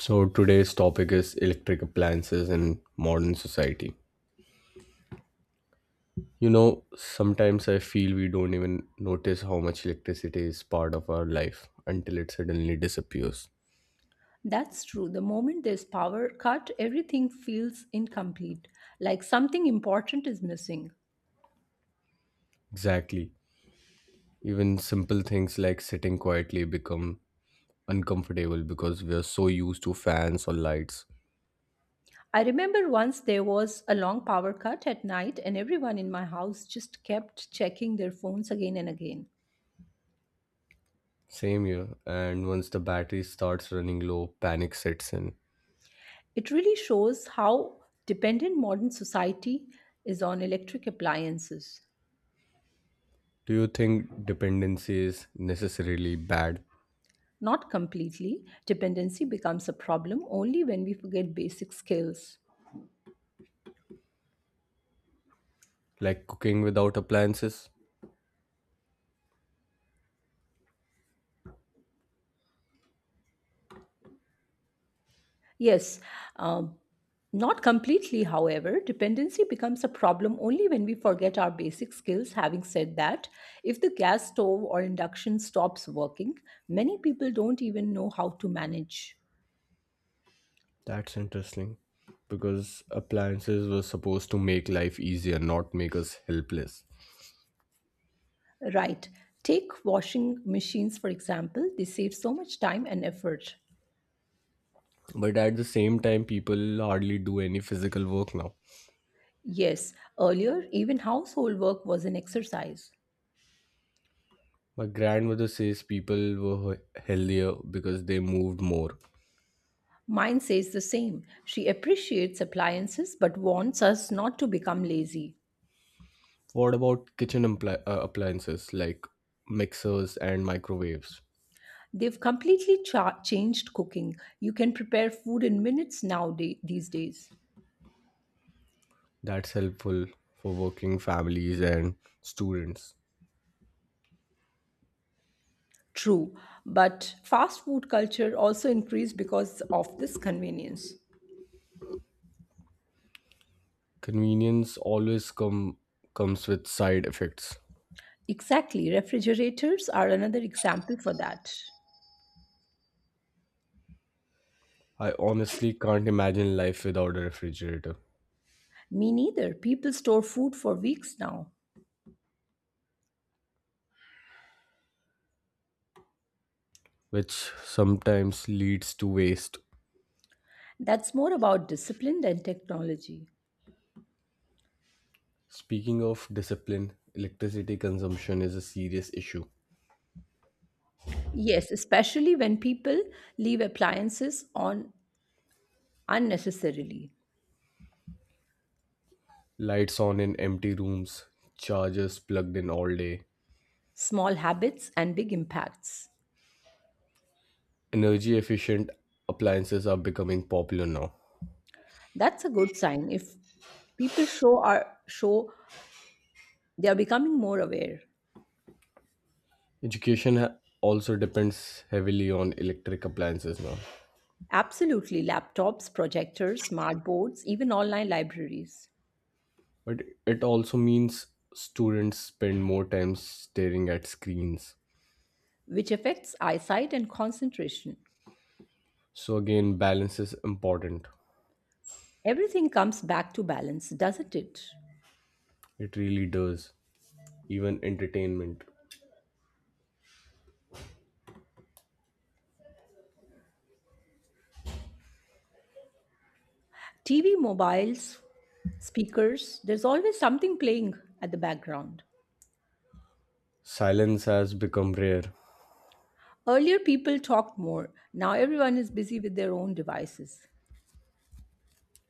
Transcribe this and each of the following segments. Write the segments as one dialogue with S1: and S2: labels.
S1: So, today's topic is electric appliances in modern society. You know, sometimes I feel we don't even notice how much electricity is part of our life until it suddenly disappears.
S2: That's true. The moment there's power cut, everything feels incomplete, like something important is missing.
S1: Exactly. Even simple things like sitting quietly become uncomfortable because we are so used to fans or lights.
S2: I remember once there was a long power cut at night, and everyone in my house just kept checking their phones again and again.
S1: Same here. And once the battery starts running low, panic sets in.
S2: It really shows how dependent modern society is on electric appliances.
S1: Do you think dependency is necessarily bad?
S2: Not completely, dependency becomes a problem only when we forget basic skills.
S1: Like cooking without appliances?
S2: Yes, um, not completely, however. Dependency becomes a problem only when we forget our basic skills. Having said that, if the gas stove or induction stops working, many people don't even know how to manage.
S1: That's interesting because appliances were supposed to make life easier, not make us helpless.
S2: Right. Take washing machines, for example, they save so much time and effort.
S1: But at the same time, people hardly do any physical work now.
S2: Yes, earlier, even household work was an exercise.
S1: My grandmother says people were healthier because they moved more.
S2: Mine says the same. She appreciates appliances but warns us not to become lazy.
S1: What about kitchen appliances like mixers and microwaves?
S2: They've completely changed cooking. You can prepare food in minutes nowadays. These days.
S1: That's helpful for working families and students.
S2: True, but fast food culture also increased because of this convenience.
S1: Convenience always comes with side effects.
S2: Exactly, refrigerators are another example for that.
S1: I honestly can't imagine life without a refrigerator,
S2: Me neither. People store food for weeks now.
S1: which sometimes leads to waste.
S2: That's more about discipline than technology.
S1: Speaking of discipline, electricity consumption is a serious issue.
S2: Yes, especially when people leave appliances on unnecessarily.
S1: Lights on in empty rooms, chargers plugged in all day.
S2: Small habits and big impacts.
S1: Energy efficient appliances are becoming popular now.
S2: That's a good sign if people show they are becoming more aware.
S1: Education also depends heavily on electric appliances now.
S2: Absolutely, laptops, projectors, smart boards, even online libraries,
S1: But it also means students spend more time staring at screens.
S2: which affects eyesight and concentration.
S1: So again, balance is important.
S2: Everything comes back to balance, doesn't it?
S1: It really does. Even entertainment.
S2: TV, mobiles, speakers, there's always something playing at the background.
S1: Silence has become rare.
S2: Earlier, people talked more. Now, everyone is busy with their own devices.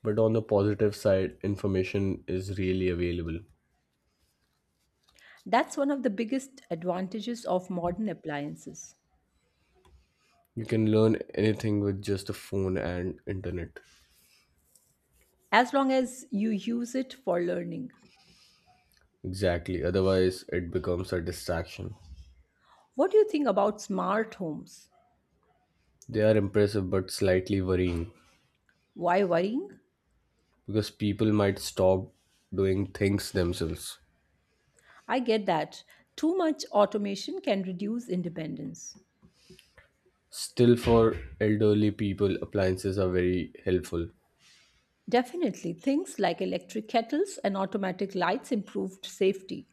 S1: But on the positive side, information is really available.
S2: That's one of the biggest advantages of modern appliances,
S1: You can learn anything with just a phone and internet.
S2: as long as you use it for learning.
S1: Exactly, otherwise, it becomes a distraction.
S2: What do you think about smart homes?
S1: They are impressive but slightly worrying
S2: Why worrying?
S1: because people might stop doing things themselves.
S2: I get that. Too much automation can reduce independence.
S1: Still, for elderly people, appliances are very helpful.
S2: Definitely, things like electric kettles and automatic lights improved safety.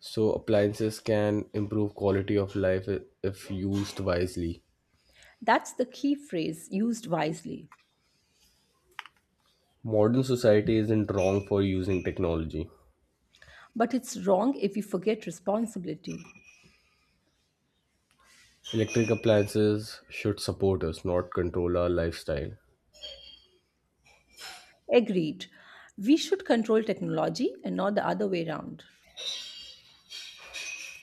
S1: So, appliances can improve quality of life if used wisely.
S2: That's the key phrase used wisely.
S1: Modern society isn't wrong for using technology.
S2: But it's wrong if we forget responsibility.
S1: Electric appliances should support us, not control our lifestyle.
S2: Agreed. We should control technology and not the other way around.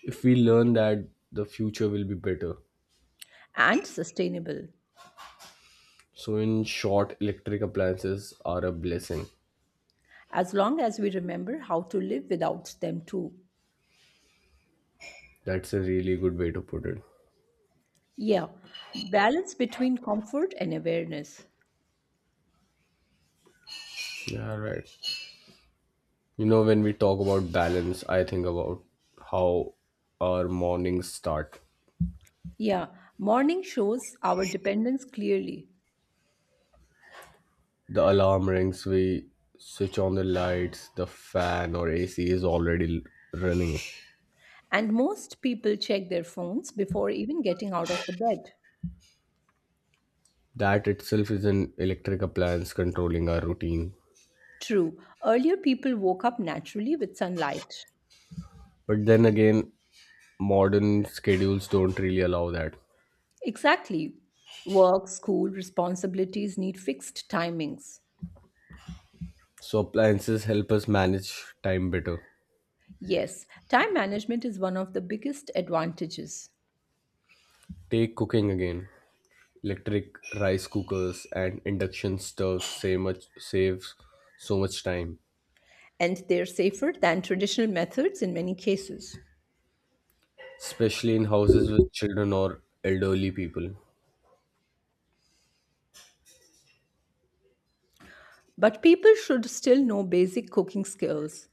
S1: If we learn that, the future will be better.
S2: And sustainable,
S1: So, in short, electric appliances are a blessing.
S2: as long as we remember how to live without them too.
S1: That's a really good way to put it.
S2: Yeah, balance between comfort and awareness.
S1: Yeah, right. You know, when we talk about balance, I think about how our mornings start.
S2: Yeah, morning shows our dependence clearly,
S1: The alarm rings, we switch on the lights, the fan or AC is already running.
S2: and most people check their phones before even getting out of the bed.
S1: That itself is an electric appliance controlling our routine.
S2: True, earlier people woke up naturally with sunlight.
S1: But then again, modern schedules don't really allow that.
S2: Exactly. Work, school, responsibilities need fixed timings.
S1: So appliances help us manage time better.
S2: Yes, time management is one of the biggest advantages,
S1: Take cooking again. Electric rice cookers and induction stoves save much saves so much time,
S2: and they're safer than traditional methods in many cases.
S1: especially in houses with children or elderly people.
S2: But people should still know basic cooking skills.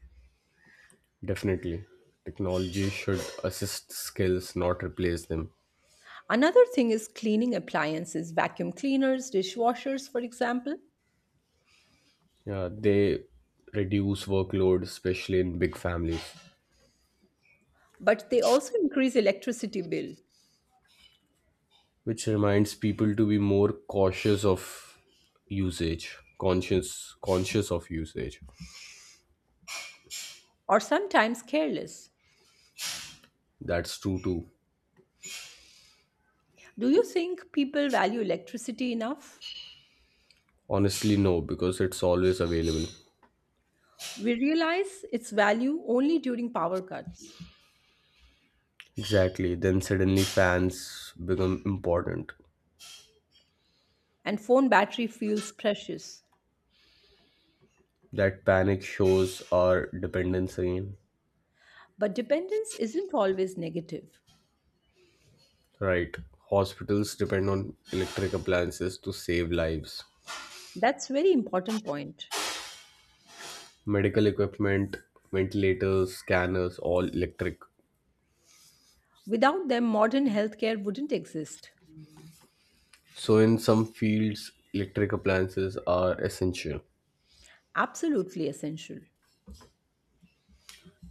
S1: Definitely. Technology should assist skills, not replace them.
S2: Another thing is cleaning appliances, vacuum cleaners, dishwashers, for example.
S1: Yeah, they reduce workload, especially in big families,
S2: But they also increase electricity bill
S1: which reminds people to be more cautious of usage, conscious of usage.
S2: or sometimes careless.
S1: That's true too.
S2: Do you think people value electricity enough?
S1: Honestly, no, because it's always available.
S2: We realize its value only during power cuts,
S1: Exactly. Then suddenly fans become important.
S2: and phone battery feels precious.
S1: That panic shows our dependency.
S2: But dependence isn't always negative.
S1: Right. Hospitals depend on electric appliances to save lives.
S2: That's very important point.
S1: Medical equipment, ventilators, scanners, all electric.
S2: Without them, modern healthcare wouldn't exist.
S1: So, in some fields, electric appliances are essential.
S2: Absolutely essential.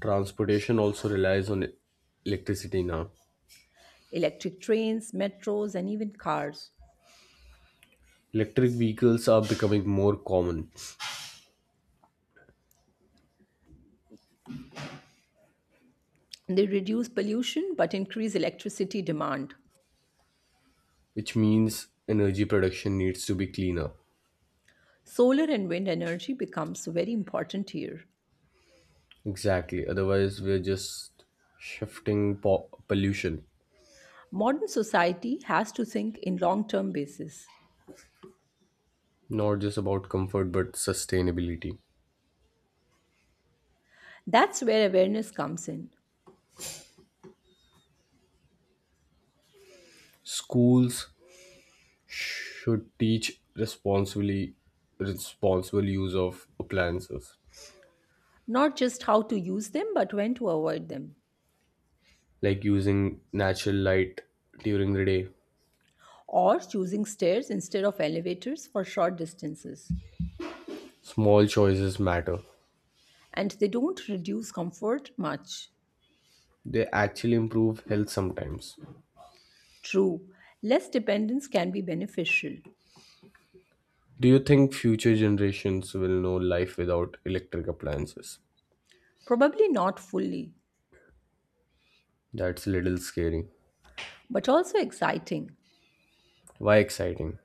S1: Transportation also relies on electricity now.
S2: Electric trains, metros, and even cars.
S1: Electric vehicles are becoming more common,
S2: They reduce pollution but increase electricity demand.
S1: which means energy production needs to be cleaner.
S2: Solar and wind energy becomes very important here.
S1: Exactly. Otherwise, we're just shifting pollution.
S2: Modern society has to think in long-term basis.
S1: Not just about comfort, but sustainability.
S2: That's where awareness comes in.
S1: Schools should teach responsibly responsible use of appliances,
S2: Not just how to use them but when to avoid them.
S1: like using natural light during the day.
S2: Or choosing stairs instead of elevators for short distances.
S1: Small choices matter.
S2: And they don't reduce comfort much.
S1: They actually improve health sometimes.
S2: True, less dependence can be beneficial.
S1: Do you think future generations will know life without electric appliances?
S2: Probably not fully,
S1: That's a little scary.
S2: but also exciting
S1: Why exciting?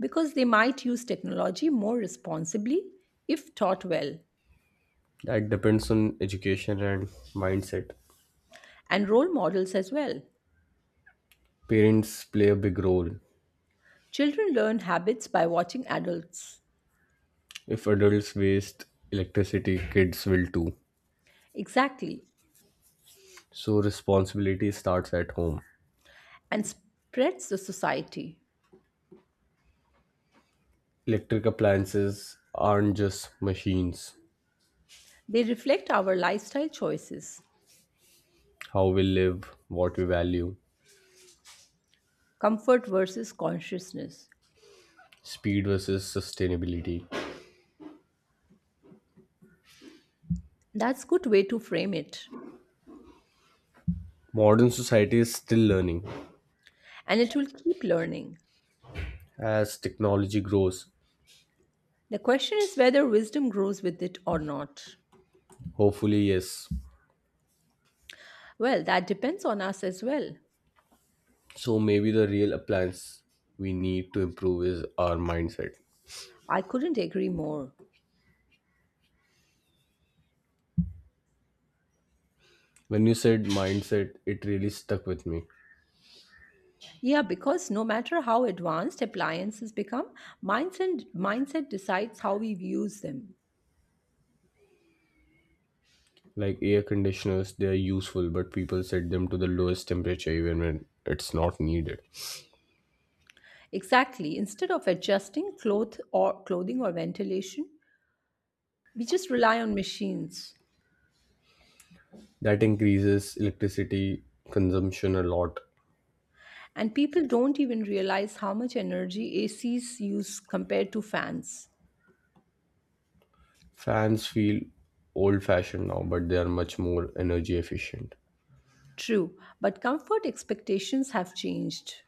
S2: because they might use technology more responsibly if taught well,
S1: That depends on education and mindset.
S2: and role models as well.
S1: Parents play a big role.
S2: Children learn habits by watching adults.
S1: If adults waste electricity, kids will too.
S2: Exactly,
S1: So responsibility starts at home.
S2: and spreads the society.
S1: Electric appliances aren't just machines.
S2: They reflect our lifestyle choices,
S1: How we live, what we value,
S2: comfort versus consciousness.
S1: speed versus sustainability.
S2: That's good way to frame it,
S1: Modern society is still learning
S2: and it will keep learning.
S1: as technology grows.
S2: The question is whether wisdom grows with it or not.
S1: Hopefully, yes.
S2: Well, that depends on us as well.
S1: So maybe the real appliance we need to improve is our mindset.
S2: I couldn't agree more.
S1: When you said mindset, it really stuck with me.
S2: Yeah, because no matter how advanced appliances become, mindset decides how we use them.
S1: Like air conditioners, they are useful, but people set them to the lowest temperature even when it's not needed.
S2: Exactly. Instead of adjusting cloth or clothing or ventilation, we just rely on machines.
S1: That increases electricity consumption a lot.
S2: And people don't even realize how much energy ACs use compared to fans.
S1: Fans feel old fashioned now, but they are much more energy efficient.
S2: True, but comfort expectations have changed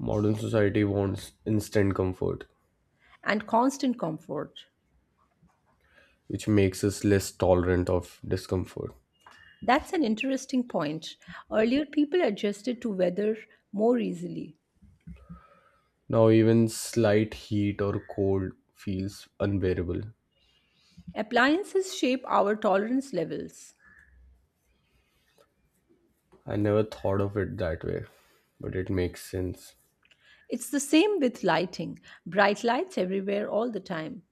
S1: Modern society wants instant comfort,
S2: and constant comfort.
S1: which makes us less tolerant of discomfort.
S2: That's an interesting point. Earlier, people adjusted to weather more easily.
S1: Now, even slight heat or cold feels unbearable.
S2: Appliances shape our tolerance levels.
S1: I never thought of it that way, but it makes sense,
S2: It's the same with lighting. Bright lights everywhere all the time.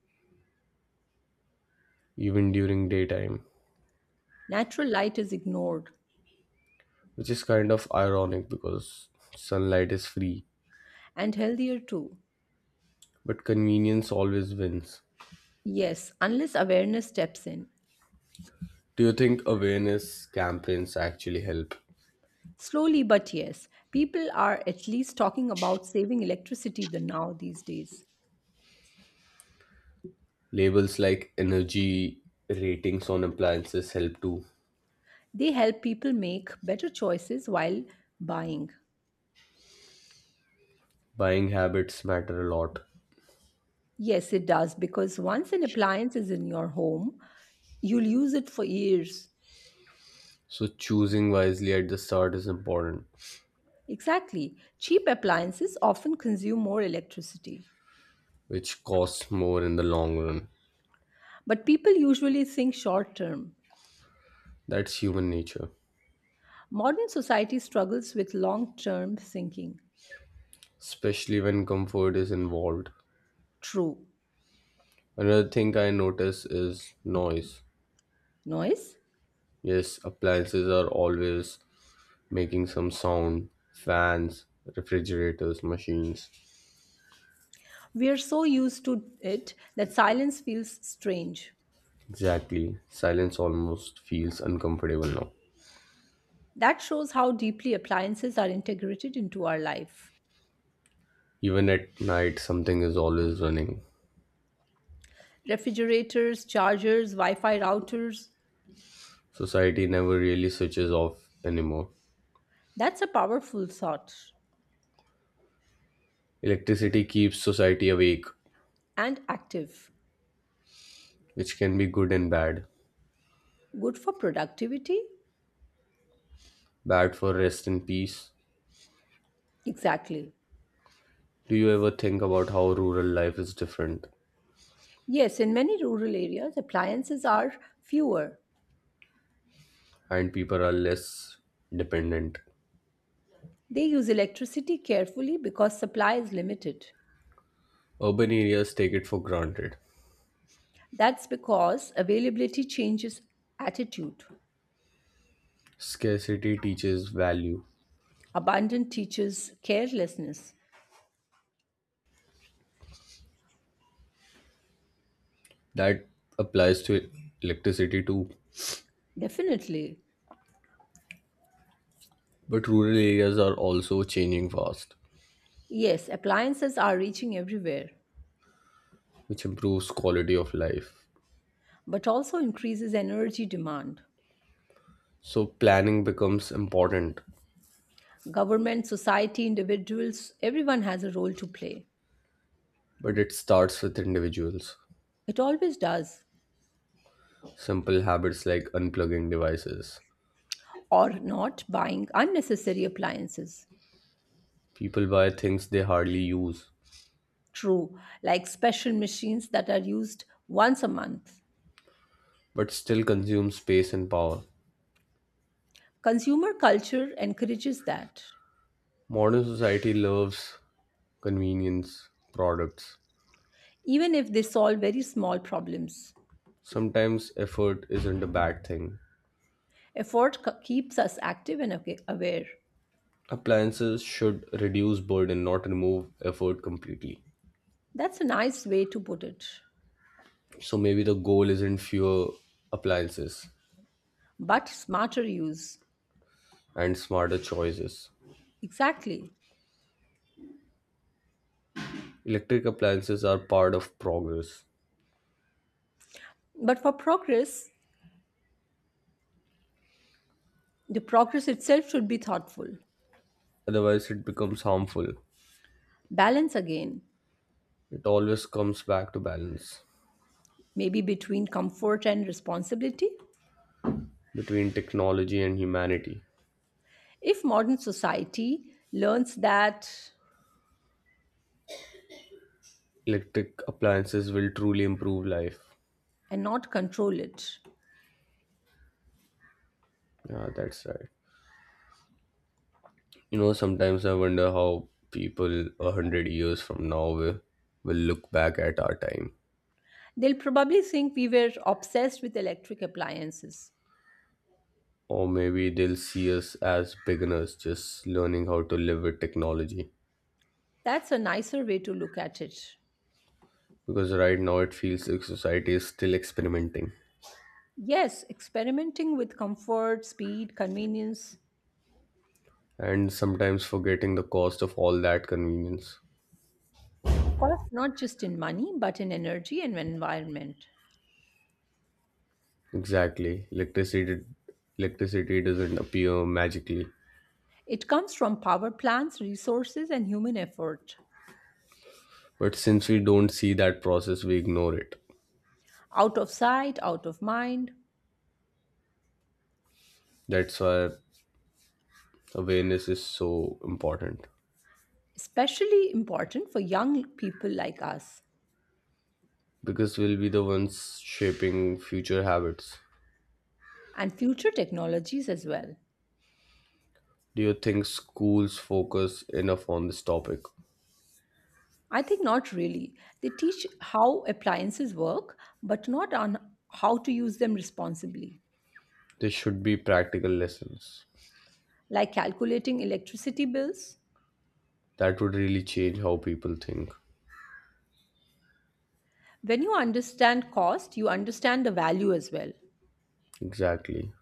S1: even during daytime,
S2: Natural light is ignored
S1: which is kind of ironic because sunlight is free,
S2: and healthier too.
S1: but convenience always wins.
S2: Yes, unless awareness steps in.
S1: Do you think awareness campaigns actually help?
S2: Slowly, but yes, people are at least talking about saving electricity these days.
S1: Labels like energy ratings on appliances help too.
S2: They help people make better choices while buying.
S1: Buying habits matter a lot.
S2: Yes, it does because once an appliance is in your home, you'll use it for years.
S1: So choosing wisely at the start is important,
S2: Exactly. Cheap appliances often consume more electricity,
S1: which costs more in the long run.
S2: but people usually think short term.
S1: That's human nature,
S2: Modern society struggles with long term thinking.
S1: especially when comfort is involved.
S2: True.
S1: Another thing I notice is noise.
S2: Noise?
S1: Yes, appliances are always making some sound. Fans, refrigerators, machines.
S2: We are so used to it that silence feels strange.
S1: Exactly. Silence almost feels uncomfortable now.
S2: That shows how deeply appliances are integrated into our life.
S1: Even at night, something is always running.
S2: Refrigerators, chargers, Wi Fi routers.
S1: Society never really switches off anymore.
S2: That's a powerful thought
S1: Electricity keeps society awake,
S2: and active.
S1: which can be good and bad.
S2: Good for productivity?
S1: Bad for rest and peace.
S2: Exactly.
S1: Do you ever think about how rural life is different
S2: Yes, in many rural areas, appliances are fewer.
S1: and people are less dependent?
S2: They use electricity carefully because supply is limited.
S1: Urban areas take it for granted.
S2: That's because availability changes attitude.
S1: Scarcity teaches value.
S2: Abundance teaches carelessness.
S1: That applies to electricity too.
S2: Definitely.
S1: But rural areas are also changing fast,
S2: Yes, appliances are reaching everywhere,
S1: which improves quality of life.
S2: but also increases energy demand.
S1: So planning becomes important,
S2: Government, society, individuals, everyone has a role to play.
S1: but it starts with individuals.
S2: It always does.
S1: Simple habits like unplugging devices.
S2: Or not buying unnecessary appliances.
S1: People buy things they hardly use,
S2: True, like special machines that are used once a month.
S1: but still consume space and power.
S2: Consumer culture encourages that,
S1: Modern society loves convenience products.
S2: even if they solve very small problems.
S1: Sometimes effort isn't a bad thing.
S2: Effort keeps us active and aware.
S1: Appliances should reduce burden, not remove effort completely.
S2: That's a nice way to put it.
S1: So maybe the goal isn't fewer appliances
S2: But smarter use.
S1: and smarter choices.
S2: Exactly.
S1: Electric appliances are part of progress.
S2: But for progress, the progress itself should be thoughtful.
S1: Otherwise, it becomes harmful.
S2: Balance again,
S1: It always comes back to balance
S2: maybe between comfort and responsibility.
S1: between technology and humanity.
S2: If modern society learns that
S1: Electric appliances will truly improve life.
S2: and not control it,
S1: Yeah, that's right. You know, sometimes I wonder how people a hundred years from now will look back at our time.
S2: they'll probably think we were obsessed with electric appliances.
S1: Or maybe they'll see us as beginners just learning how to live with technology.
S2: That's a nicer way to look at it.
S1: Because right now it feels like society is still experimenting
S2: Yes, experimenting with comfort, speed, convenience,
S1: and sometimes forgetting the cost of all that convenience.
S2: cost not just in money, but in energy and environment.
S1: Exactly. Electricity doesn't appear magically.
S2: It comes from power plants, resources, and human effort.
S1: But since we don't see that process, we ignore it.
S2: Out of sight, out of mind,
S1: That's why awareness is so important.
S2: especially important for young people like us,
S1: Because we'll be the ones shaping future habits.
S2: and future technologies as well.
S1: Do you think schools focus enough on this topic?
S2: I think not really. They teach how appliances work, but not on how to use them responsibly,
S1: There should be practical lessons.
S2: like calculating electricity bills.
S1: That would really change how people think.
S2: When you understand cost, you understand the value as well.
S1: Exactly.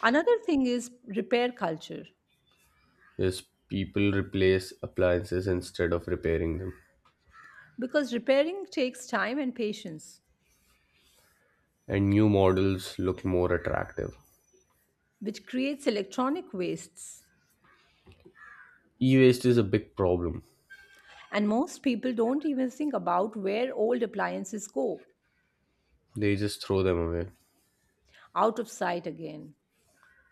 S2: Another thing is repair culture,
S1: Yes, people replace appliances instead of repairing them,
S2: because repairing takes time and patience,
S1: and new models look more attractive.
S2: which creates electronic wastes.
S1: E waste is a big problem,
S2: And most people don't even think about where old appliances go
S1: they just throw them away.
S2: out of sight again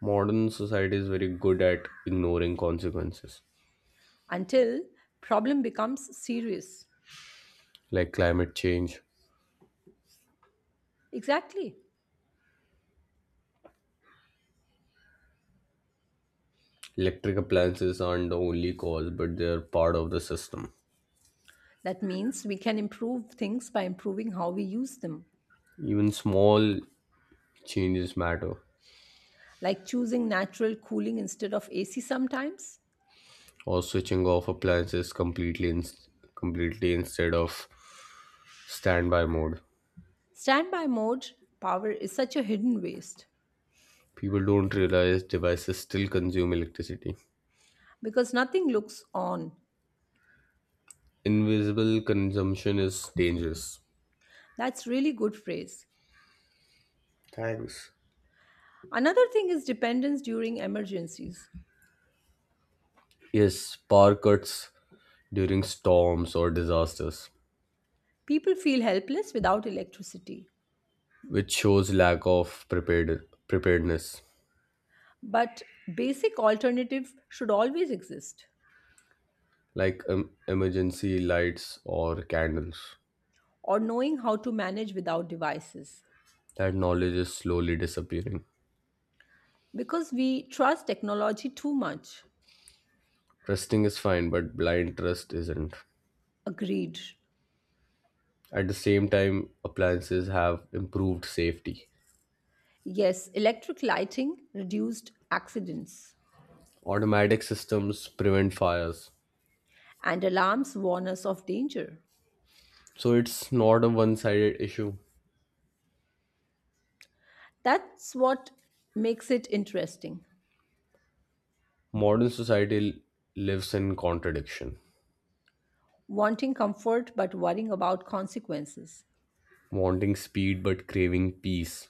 S1: Modern society is very good at ignoring consequences,
S2: until problem becomes serious.
S1: like climate change.
S2: Exactly.
S1: Electric appliances aren't the only cause, but they're part of the system.
S2: That means we can improve things by improving how we use them,
S1: Even small changes matter,
S2: like choosing natural cooling instead of AC sometimes.
S1: or switching off appliances completely instead of standby mode.
S2: Standby mode power is such a hidden waste
S1: People don't realize devices still consume electricity.
S2: because nothing looks on.
S1: Invisible consumption is dangerous.
S2: That's really good phrase.
S1: Thanks.
S2: Another thing is dependence during emergencies.
S1: Yes, power cuts during storms or disasters,
S2: People feel helpless without electricity,
S1: which shows lack of preparedness,
S2: but basic alternative should always exist
S1: like emergency lights or candles.
S2: or knowing how to manage without devices
S1: That knowledge is slowly disappearing.
S2: because we trust technology too much.
S1: Trusting is fine, but blind trust isn't.
S2: Agreed.
S1: At the same time, appliances have improved safety.
S2: Yes, electric lighting reduced accidents
S1: Automatic systems prevent fires.
S2: and alarms warn us of danger.
S1: So it's not a one sided issue.
S2: That's what makes it interesting.
S1: Modern society lives in contradiction,
S2: Wanting comfort but worrying about consequences.
S1: wanting speed but craving peace.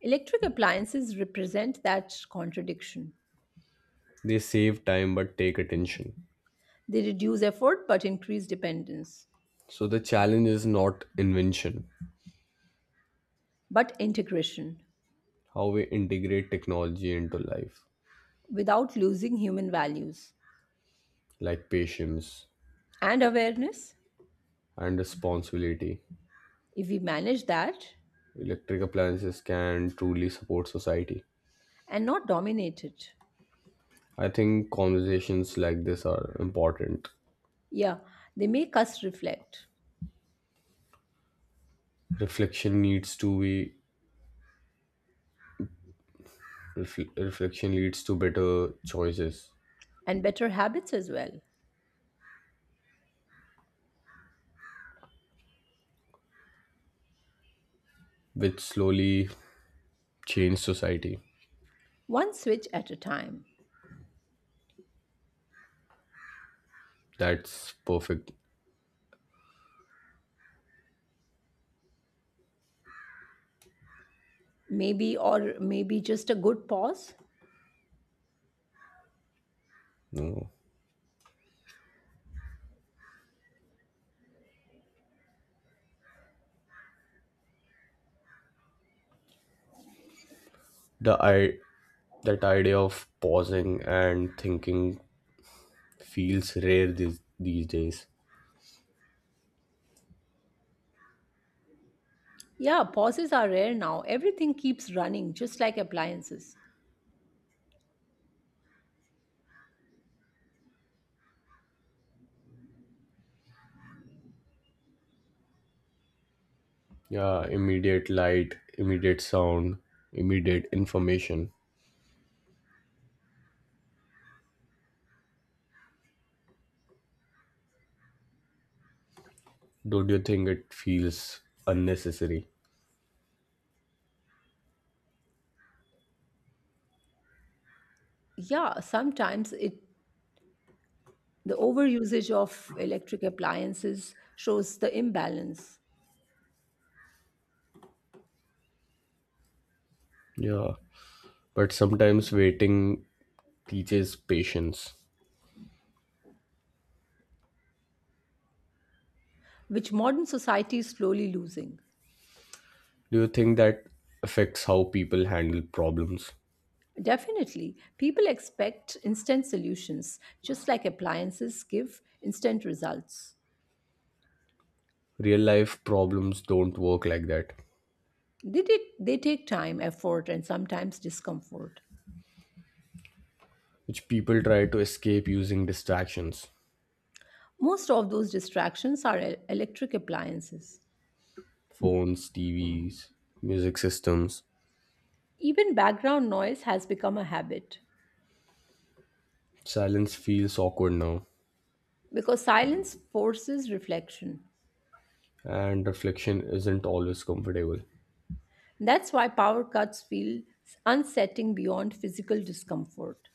S2: Electric appliances represent that contradiction.
S1: They save time but take attention.
S2: They reduce effort but increase dependence,
S1: So the challenge is not invention,
S2: but integration
S1: how we integrate technology into life,
S2: without losing human values
S1: like patience
S2: and awareness.
S1: and responsibility.
S2: If we manage that
S1: Electric appliances can truly support society.
S2: and not dominate it,
S1: I think conversations like this are important.
S2: yeah, they make us reflect,
S1: Reflection needs to be refl- reflection leads to better choices
S2: and better habits as well.
S1: which slowly changed society.
S2: One switch at a time.
S1: That's perfect.
S2: Maybe, or maybe just a good pause.
S1: No. The I that idea of pausing and thinking feels rare these days.
S2: Yeah, pauses are rare now. Everything keeps running, just like appliances.
S1: Yeah, immediate light, immediate sound, immediate information. Don't you think it feels unnecessary?
S2: Yeah, sometimes it the overusage of electric appliances shows the imbalance,
S1: Yeah. But sometimes waiting teaches patience.
S2: which modern society is slowly losing.
S1: Do you think that affects how people handle problems?
S2: Definitely, people expect instant solutions, just like appliances give instant results.
S1: Real life problems don't work like that.
S2: They take time, effort, and sometimes discomfort.
S1: Which people try to escape using distractions
S2: Most of those distractions are electric appliances.
S1: phones, TVs, music systems.
S2: Even background noise has become a habit
S1: Silence feels awkward now,
S2: because silence forces reflection.
S1: and reflection isn't always comfortable.
S2: That's why power cuts feel unsettling beyond physical discomfort.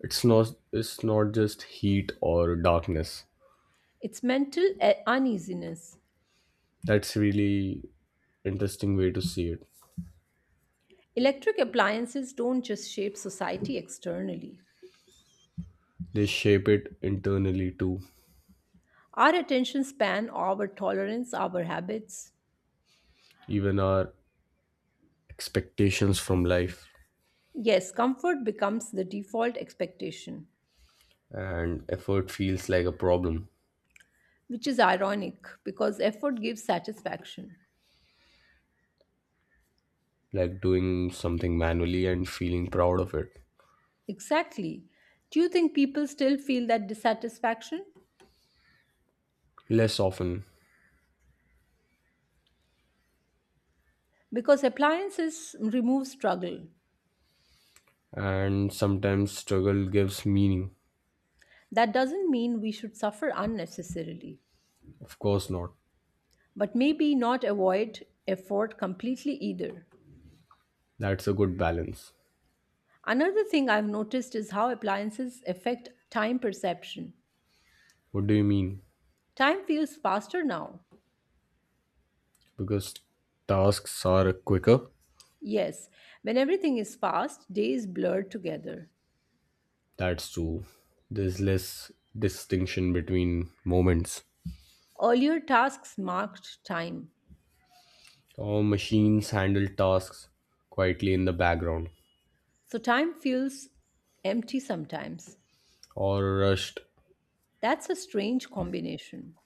S1: It's not just heat or darkness.
S2: It's mental uneasiness.
S1: That's really interesting way to see it.
S2: Electric appliances don't just shape society externally.
S1: They shape it internally too,
S2: Our attention span, our tolerance, our habits.
S1: even our expectations from life
S2: Yes, comfort becomes the default expectation,
S1: and effort feels like a problem,
S2: which is ironic because effort gives satisfaction.
S1: like doing something manually and feeling proud of it.
S2: Exactly. Do you think people still feel that dissatisfaction?
S1: Less often
S2: Because appliances remove struggle.
S1: and sometimes struggle gives meaning.
S2: That doesn't mean we should suffer unnecessarily,
S1: Of course not.
S2: but maybe not avoid effort completely either.
S1: That's a good balance.
S2: Another thing I've noticed is how appliances affect time perception.
S1: What do you mean?
S2: Time feels faster now.
S1: Because tasks are quicker?
S2: Yes, when everything is fast, days blur together.
S1: That's true. There's less distinction between moments.
S2: Earlier tasks marked time,
S1: Or machines handle tasks quietly in the background,
S2: so time feels empty sometimes.
S1: or rushed
S2: That's a strange combination.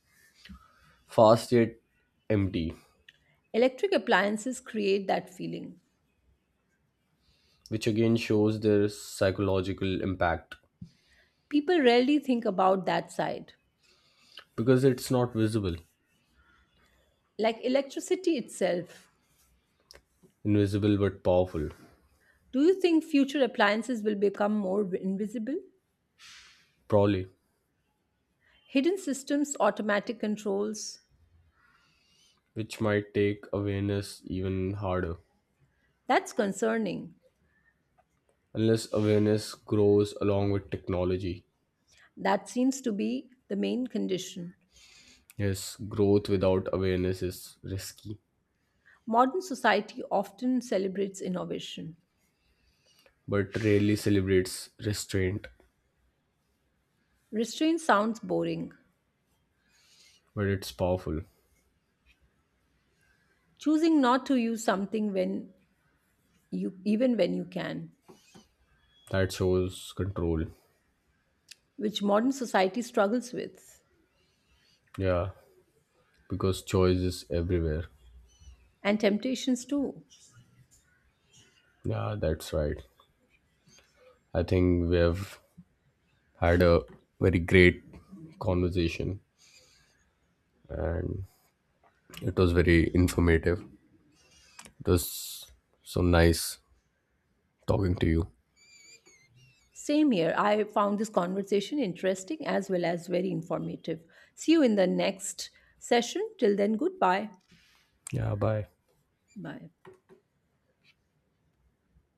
S1: fast yet empty,
S2: Electric appliances create that feeling.
S1: which again shows their psychological impact
S2: People rarely think about that side,
S1: because it's not visible,
S2: like electricity itself.
S1: invisible but powerful.
S2: Do you think future appliances will become more invisible?
S1: Probably.
S2: Hidden systems, automatic controls?
S1: Which might take awareness even harder
S2: That's concerning.
S1: unless awareness grows along with technology.
S2: That seems to be the main condition.
S1: Yes, growth without awareness is risky,
S2: Modern society often celebrates innovation.
S1: but rarely celebrates restraint.
S2: Restraint sounds boring.
S1: But it's powerful.
S2: Choosing not to use something when you even when you can,
S1: That shows control.
S2: which modern society struggles with,
S1: Yeah, because choice is everywhere.
S2: and temptations too.
S1: Yeah, that's right. I think we have had a very great conversation and it was very informative. It was so nice talking to you.
S2: Same here. I found this conversation interesting as well as very informative. See you in the next session. Till then, goodbye.
S1: Yeah, bye.
S2: Bye.